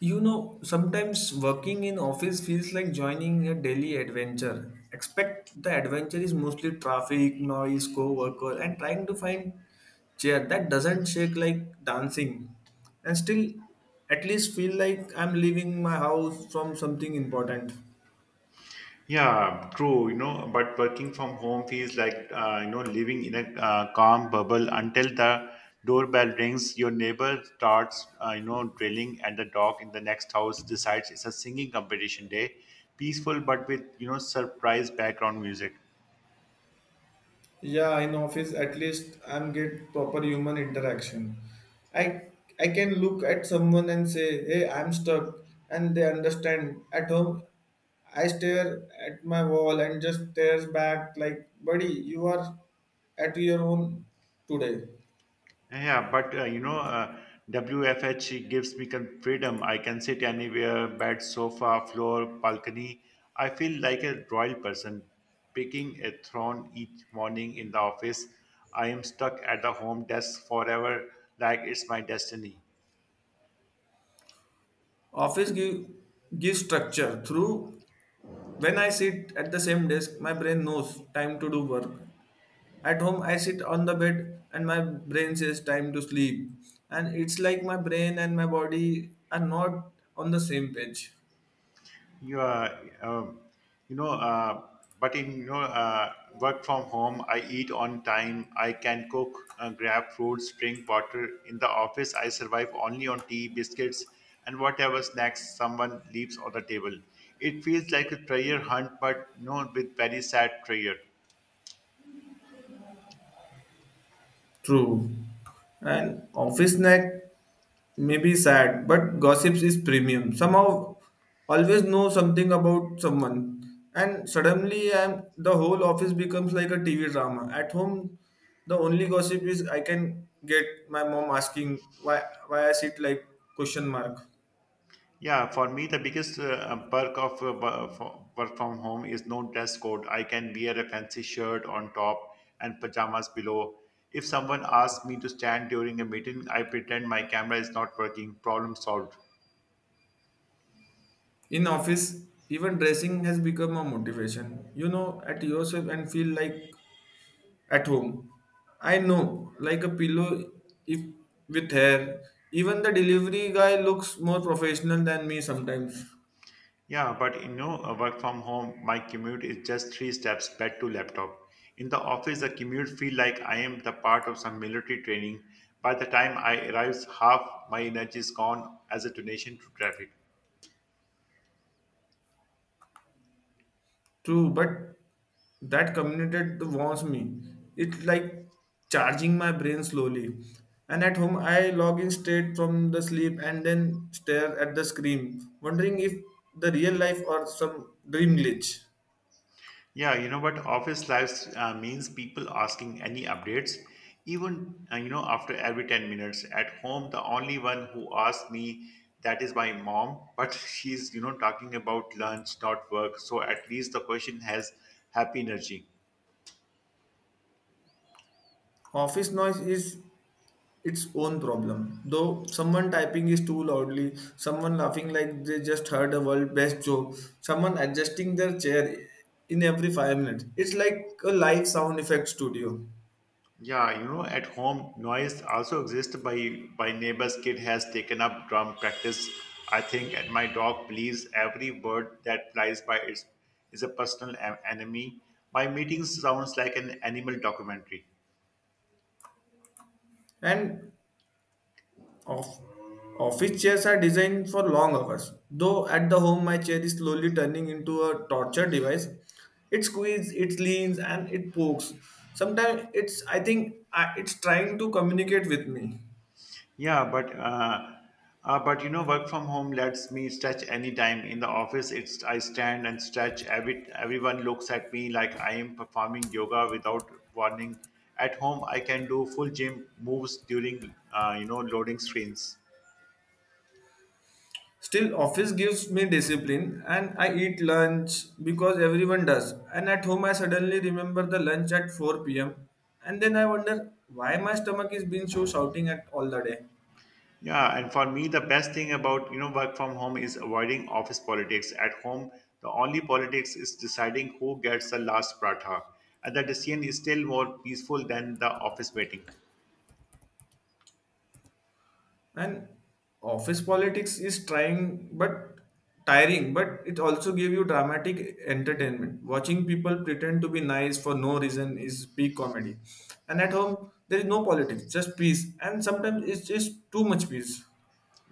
You know, sometimes working in office feels like joining a daily adventure. Expect the adventure is mostly traffic, noise, co-worker, and trying to find chair that doesn't shake like dancing. And still, at least feel like I'm leaving my house from something important. Yeah, true. But working from home feels like living in a calm bubble until the doorbell rings. Your neighbor starts drilling, and the dog in the next house decides it's a singing competition day. Peaceful, but with surprise background music. Yeah, in office at least I'm get proper human interaction. I I can look at someone and say, "Hey, I'm stuck," and they understand. At home, I stare at my wall and just stares back like, "Buddy, you are at your own today." Yeah, but WFH gives me freedom. I can sit anywhere, bed, sofa, floor, balcony. I feel like a royal person, picking a throne each morning in the office. I am stuck at the home desk forever, like it's my destiny. Office give Gives structure through when I sit at the same desk, my brain knows time to do work. At home, I sit on the bed and my brain says time to sleep. And it's like my brain and my body are not on the same page. You um, you know but in you know Work from home, I eat on time. I can cook, grab fruits, drink water. In the office, I survive only on tea, biscuits, and whatever snacks someone leaves on the table. It feels like a treasure hunt, but with very sad treasure. True. And office night may be sad, but gossips is premium. Somehow, always know something about someone. And suddenly, the whole office becomes like a TV drama. At home, the only gossip is I can get my mom asking why I sit like question mark. Yeah, for me, the biggest perk of work from home is no dress code. I can wear a fancy shirt on top and pajamas below. If someone asks me to stand during a meeting, I pretend my camera is not working. Problem solved. In office, even dressing has become a motivation. You know at yourself and feel like at home. I know, like a pillow if with hair. Even the delivery guy looks more professional than me sometimes. Yeah, but work from home, my commute is just three steps back to laptop. In the office, the commute feel like I am the part of some military training. By the time I arrives, half my energy is gone as a donation to traffic. True, but that communicate warms me. It's like charging my brain slowly. And at home, I log in straight from the sleep and then stare at the screen, wondering if the real life or some dream glitch. Yeah, you know what? Office lives means people asking any updates, even after every 10 minutes. At home, the only one who asks me that is my mom, but she's talking about lunch, not work. So at least the question has happy energy. Office noise is its own problem. Though someone typing is too loudly, someone laughing like they just heard a world best joke, someone adjusting their chair in every 5 minutes. It's like a live sound effect studio. Yeah, you know, at home noise also exists by neighbor's kid has taken up drum practice, I think, and my dog believes every bird that flies by is a personal enemy. My meeting sounds like an animal documentary. And off Office chairs are designed for long hours. Though at the home my chair is slowly turning into a torture device. It squeezes, it leans and it pokes. Sometimes it's it's trying to communicate with me. Yeah, but work from home lets me stretch anytime. In the office, it's I stand and stretch, everyone looks at me like I am performing yoga without warning. At home, I can do full gym moves during loading screens. Still, office gives me discipline and I eat lunch because everyone does. And at home, I suddenly remember the lunch at 4 pm. And then I wonder why my stomach is being so shouting at all the day. Yeah, and for me, the best thing about work from home is avoiding office politics. At home, the only politics is deciding who gets the last pratha, and the decision is still more peaceful than the office meeting. And office politics is trying but tiring, but it also gives you dramatic entertainment. Watching people pretend to be nice for no reason is peak comedy. And at home, there is no politics, just peace. And sometimes it's just too much peace.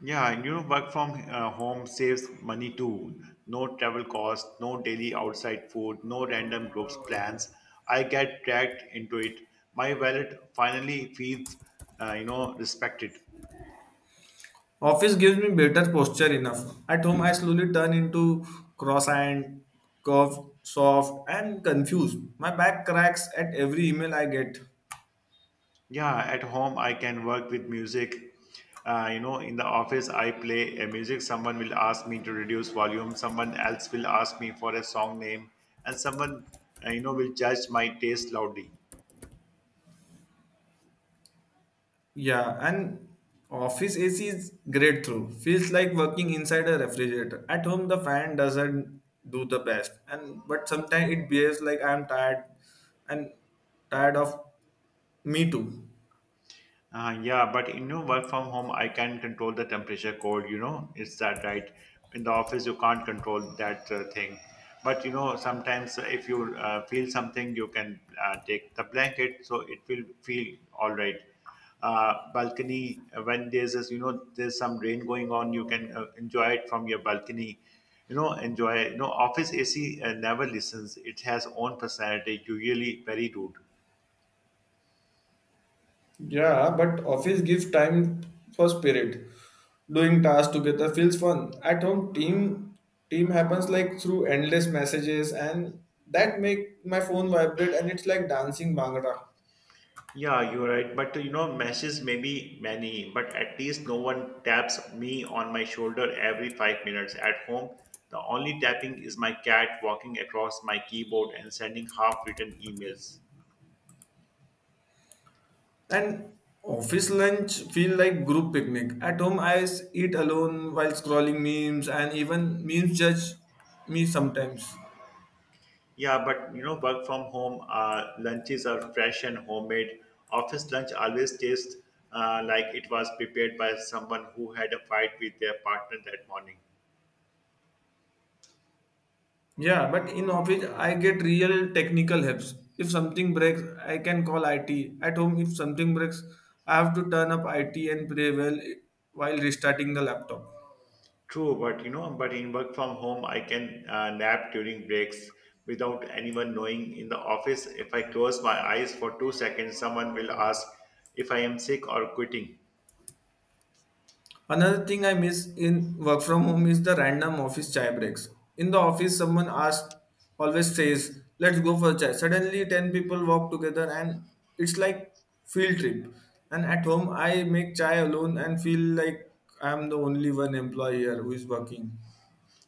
Yeah, and you know, work from home saves money too. No travel costs, no daily outside food, no random groups plans I get dragged into it. My wallet finally feels, respected. Office gives me better posture enough. At home, I slowly turn into cross-eyed, curved, soft, and confused. My back cracks at every email I get. Yeah, at home I can work with music. In the office, I play a music, someone will ask me to reduce volume, someone else will ask me for a song name, and someone, will judge my taste loudly. Yeah, and office AC is great through. Feels like working inside a refrigerator. At home, the fan doesn't do the best, and but sometimes it behaves like I'm tired and tired of me too. Yeah, but in know, work from home, I can control the temperature cold, you know, it's that right. In the office, you can't control that thing. But you know, sometimes if you feel something, you can take the blanket, so it will feel all right. Balcony, when there's this, you know, there's some rain going on, you can enjoy it from your balcony. You know, enjoy. You know, office AC never listens. It has own personality, usually very rude. Yeah, but office gives time for spirit. Doing tasks together feels fun. At home, team happens like through endless messages, and that make my phone vibrate, and it's like dancing bhangra. Yeah, you're right. But you know, messages may be many, but at least no one taps me on my shoulder every 5 minutes. At home, the only tapping is my cat walking across my keyboard and sending half-written emails. And office lunch feel like group picnic. At home, eat alone while scrolling memes, and even memes judge me sometimes. Yeah, but you know, work from home, lunches are fresh and homemade. Office lunch always tastes like it was prepared by someone who had a fight with their partner that morning. Yeah, but in office I get real technical helps. If something breaks, I can call IT. At home, if something breaks, I have to turn up IT and pray well while restarting the laptop. True, but in work from home, I can nap during breaks without anyone knowing. In the office, if I close my eyes for 2 seconds, someone will ask if I am sick or quitting. Another thing I miss in work from home is the random office chai breaks. In the office, always says, "Let's go for chai." Suddenly, 10 people walk together, and it's like field trip. And at home, I make chai alone and feel like I'm the only one employee here who is working.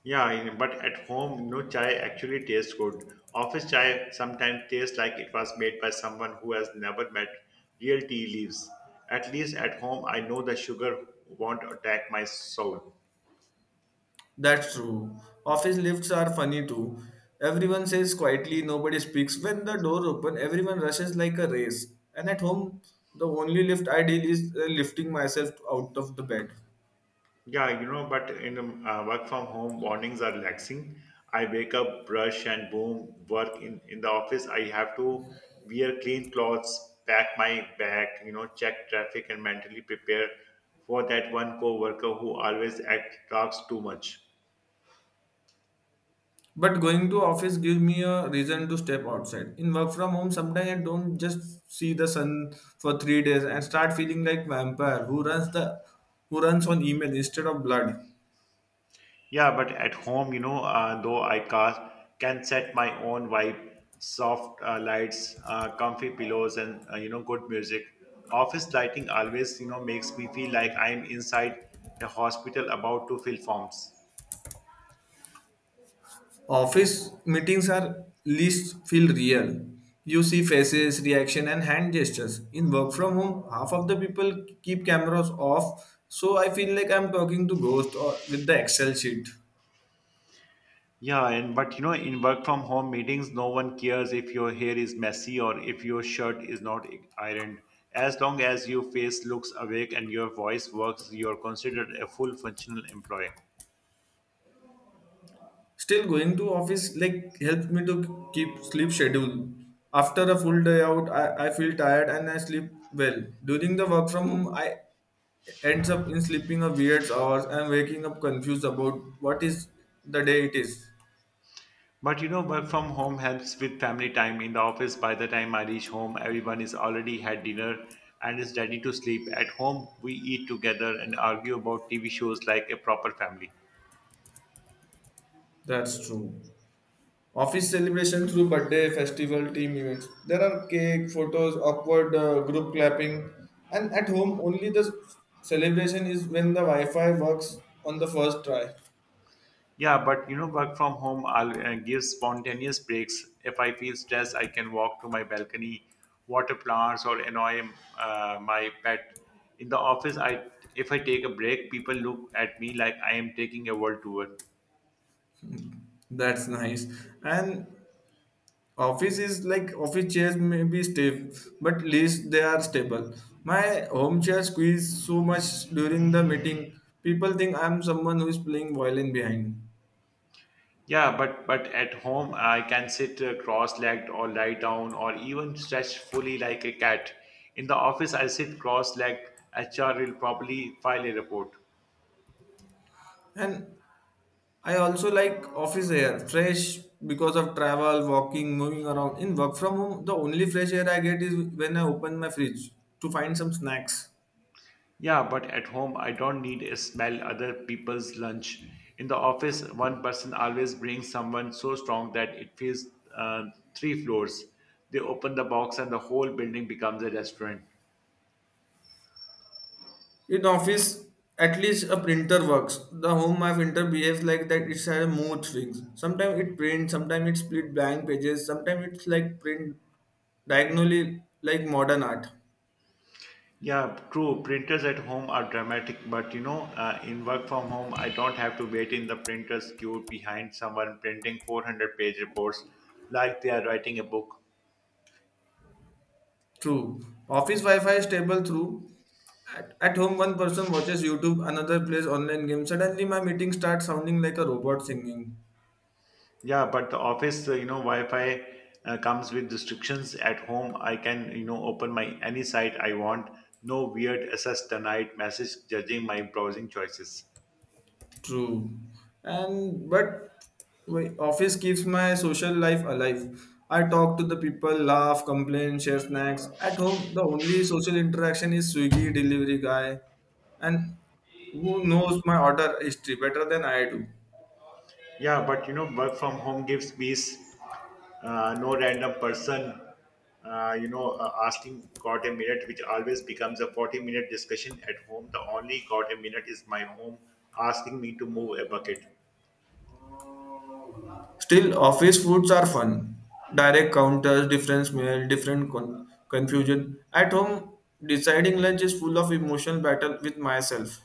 But at home, no chai actually tastes good. Office chai sometimes tastes like it was made by someone who has never met real tea leaves. At least at home, I know the sugar won't attack my soul. That's true. Office lifts are funny too. Everyone says quietly, nobody speaks. When the door open, everyone rushes like a race. And at home, the only lift I deal is lifting myself out of the bed. Yeah, you know, but in work from home, mornings are relaxing. I wake up, brush, and boom, work. In the office, I have to wear clean clothes, pack my bag, you know, check traffic, and mentally prepare for that one coworker who always act talks too much. But going to office gives me a reason to step outside. In work from home, sometimes I don't just see the sun for 3 days and start feeling like vampire who runs the who runs on email instead of blood. Yeah, but at home, you know, though can set my own vibe, soft lights, comfy pillows, and good music. Office lighting always, you know, makes me feel like I'm inside a hospital about to fill forms. Office meetings are least feel real. You see faces, reaction, and hand gestures. In work from home, half of the people keep cameras off, so I feel like I'm talking to ghost or with the Excel sheet. Yeah, and but you know, in work from home meetings, no one cares if your hair is messy or if your shirt is not ironed. As long as your face looks awake and your voice works, you're considered a full functional employee. Still, going to office like helps me to keep sleep schedule. After a full day out, I feel tired and I sleep well. During the work from home, I ends up in sleeping a weird hours and waking up confused about what is the day it is. But you know, work from home helps with family time. In the office, by the time I reach home, everyone is already had dinner and is ready to sleep. At home, we eat together and argue about TV shows like a proper family. That's true. Office celebration through birthday, festival, team events. There are cake, photos, awkward group clapping, and at home only the celebration is when the Wi-Fi works on the first try. Yeah, but you know, work from home I'll give spontaneous breaks. If I feel stressed, I can walk to my balcony, water plants, or annoy my pet. In the office, I if I take a break, people look at me like I am taking a world tour. That's nice. And office is like office chairs may be stiff, but least they are stable. My home chair squeezed so much during the meeting. People think I'm someone who is playing violin behind. Yeah, but at home I can sit cross-legged or lie down or even stretch fully like a cat. In the office I sit cross-legged. HR will probably file a report. And I also like office air, fresh because of travel, walking, moving around. In work from home, the only fresh air I get is when I open my fridge to find some snacks. Yeah, but at home I don't need to smell other people's lunch. In the office, one person always brings someone so strong that it fills uh, three floors. They open the box and the whole building becomes a restaurant. In office, at least a printer works. The home my printer behaves like that it's had mood swings. Sometimes it prints, sometimes it split blank pages, sometimes it's like print diagonally like modern art. Yeah, true. Printers at home are dramatic, but in work from home, I don't have to wait in the printer's queue behind someone printing 400-page reports like they are writing a book. True. Office Wi-Fi is stable through. At home, one person watches YouTube, another plays online games. Suddenly, my meeting starts sounding like a robot singing. Yeah, but the office, Wi Fi comes with restrictions. At home, I can, you know, open my any site I want. No weird access denied message judging my browsing choices. True. And but my office keeps my social life alive. I talk to the people, laugh, complain, share snacks. At home, the only social interaction is Swiggy delivery guy, and who knows my order history better than I do. Yeah, but you know, work from home gives peace. No random person asking got a minute, which always becomes a 40-minute discussion. At home, the only got a minute is my home asking me to move a bucket. Still, office foods are fun. Direct counters, different smell, different confusion. At home, deciding lunch is full of emotional battle with myself.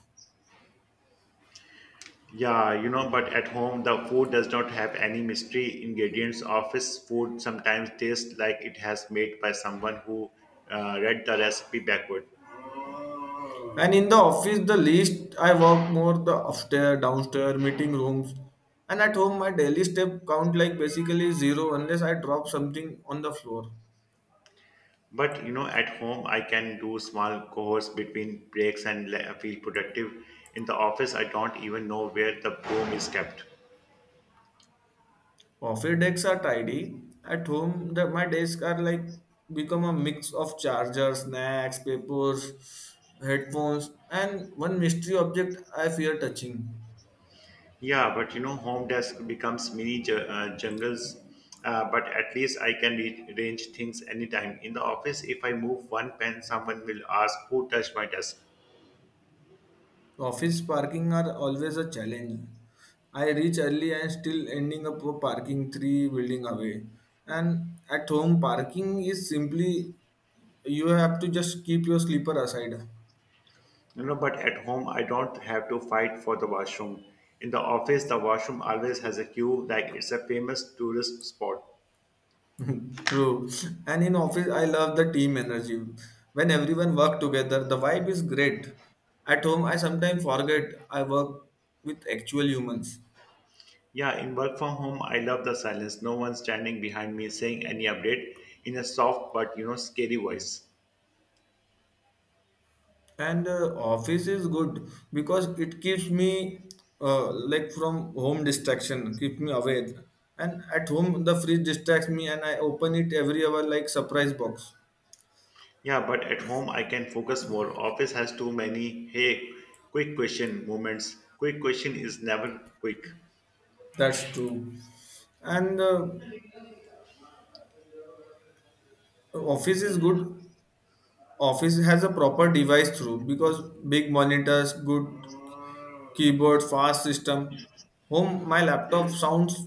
Yeah, you know, but at home the food does not have any mystery ingredients. Office food sometimes tastes like it has made by someone who read the recipe backward. And in the office, the least I walk more the upstairs, downstairs, meeting rooms. And at home, my daily step count like basically zero unless I drop something on the floor. But you know, at home, I can do small chores between breaks and feel productive. In the office, I don't even know where the broom is kept. Office decks are tidy. At home, my desk are like become a mix of chargers, snacks, papers, headphones, and one mystery object I fear touching. Yeah, but you know, home desk becomes mini jungles. But at least I can arrange things anytime. In the office, if I move one pen, someone will ask who touched my desk. Office parking are always a challenge. I reach early and still ending up for parking three building away. And at home, parking is simply you have to just keep your sleeper aside. You know, but at home, I don't have to fight for the washroom. In the office, the washroom always has a queue, like it's a famous tourist spot. True. And in office, I love the team energy. When everyone work together, the vibe is great. At home, I sometimes forget I work with actual humans. Yeah, in work from home, I love the silence. No one standing behind me saying any update in a soft but scary voice. And office is good because it keeps me like from home distraction, keep me away. And at home, the fridge distracts me, and I open it every hour like surprise box. Yeah, but at home I can focus more. Office has too many hey, quick question moments. Quick question is never quick. That's true. And office is good. Office has a proper device through because big monitors good keyboard fast system home my laptop sounds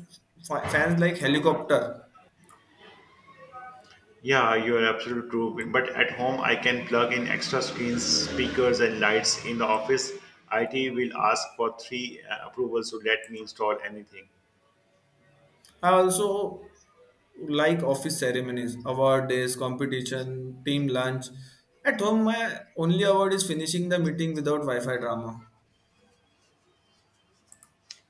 fans like helicopter. Yeah, you're absolutely true. But at home I can plug in extra screens, speakers, and lights. In the office, IT will ask for three approvals to let me install anything. I also like office ceremonies award days competition team lunch. At home my only award is finishing the meeting without Wi-Fi drama.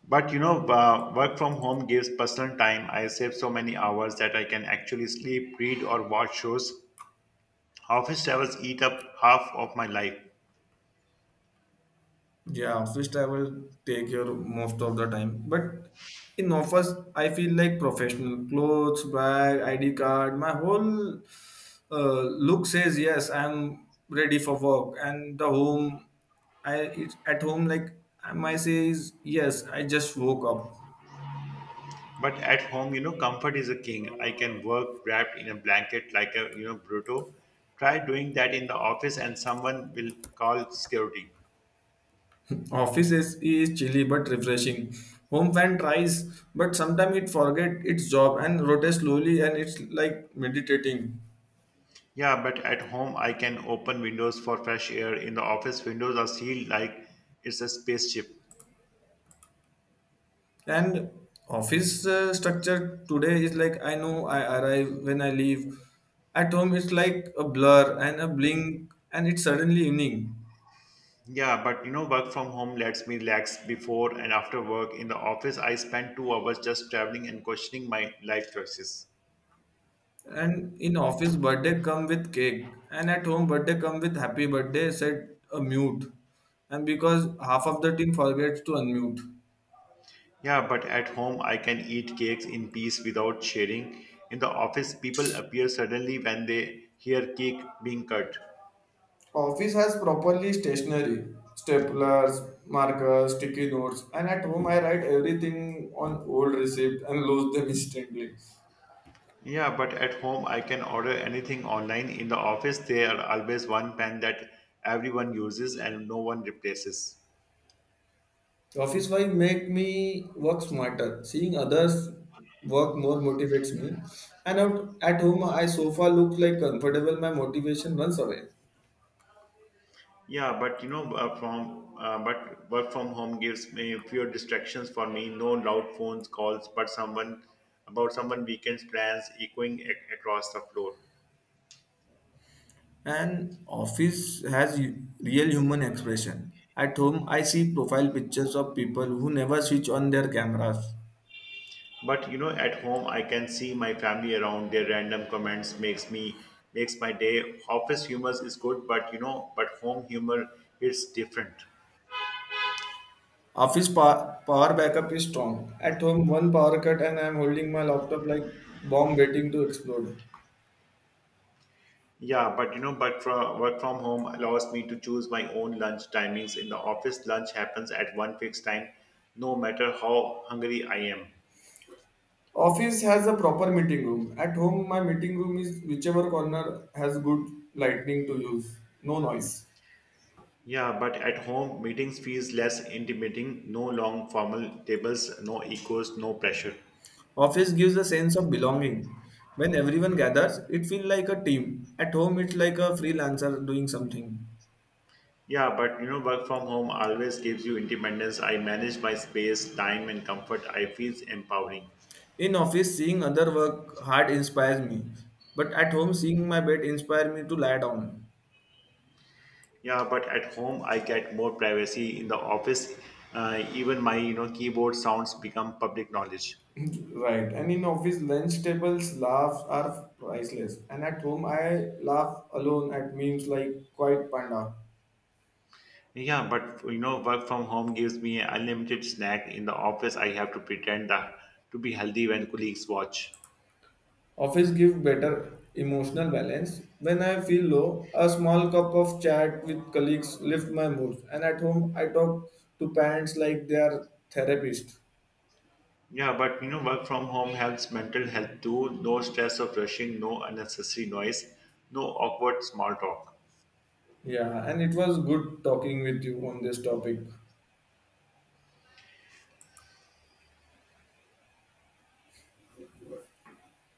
But you know, work from home gives personal time. I save so many hours that I can actually sleep, read, or watch shows. Office travels eat up half of my life. Yeah, office travel take your most of the time but in office I feel like professional clothes bag ID card my whole. Luke says, "Yes, I'm ready for work," and the home, at home like my say is, "Yes, I just woke up." But at home, you know, comfort is a king. I can work wrapped in a blanket like a, you know, Bruto. Try doing that in the office and someone will call security. Office is chilly but refreshing. Home fan tries, but sometimes it forget its job and rotates slowly, and it's like meditating. Yeah, but at home, I can open windows for fresh air. In the office, windows are sealed like it's a spaceship. And office structure today is like I know I arrive when I leave. At home, it's like a blur and a blink, and it's suddenly evening. Yeah, but you know, work from home lets me relax before and after work. In the office, I spend 2 hours just traveling and questioning my life choices. And in office, birthday come with cake, and at home, birthday come with happy birthday, said a mute. And because half of the team forgets to unmute. Yeah, but at home, I can eat cakes in peace without sharing. In the office, people appear suddenly when they hear cake being cut. Office has properly stationery, staplers, markers, sticky notes, and at home I write everything on old receipt and lose them instantly. Yeah, but at home, I can order anything online. In the office, there are always one pen that everyone uses and no one replaces. Office wife make me work smarter. Seeing others work more motivates me. And out at home I sofa looks like comfortable, my motivation runs away. Yeah, but you know, from but work from home gives me fewer distractions for me. No loud phones calls, but someone about someone weekends plans echoing across the floor. And office has real human expression. At home, I see profile pictures of people who never switch on their cameras. But you know, at home I can see my family around. Their random comments makes my day. Office humor is good, but home humor is different. Office power backup is strong. At home, one power cut and I'm holding my laptop like bomb waiting to explode. Yeah, but work from home allows me to choose my own lunch timings. In the office, lunch happens at one fixed time, no matter how hungry I am. Office has a proper meeting room. At home, my meeting room is whichever corner has good lighting to use. No noise. Yeah, but at home, meetings feels less intimidating. No long formal tables, no egos, no pressure. Office gives a sense of belonging. When everyone gathers, it feels like a team. At home, it's like a freelancer doing something. Yeah, but you know, work from home always gives you independence. I manage my space, time, and comfort. I feel empowering. In office, seeing other work hard inspires me, but at home, seeing my bed inspires me to lie down. Yeah, but at home, I get more privacy. In the office, even my keyboard sounds become public knowledge. Right. And in office, lunch tables laughs are priceless. And at home, I laugh alone at memes like Quiet Panda. Yeah, but you know, work from home gives me an unlimited snack. In the office, I have to pretend that to be healthy when colleagues watch. Office give better emotional balance. When I feel low, a small cup of chat with colleagues lift my mood. And at home, I talk to parents like they are therapists. Yeah, but you know, work from home helps mental health too. No stress of rushing, no unnecessary noise, no awkward small talk. Yeah, and it was good talking with you on this topic.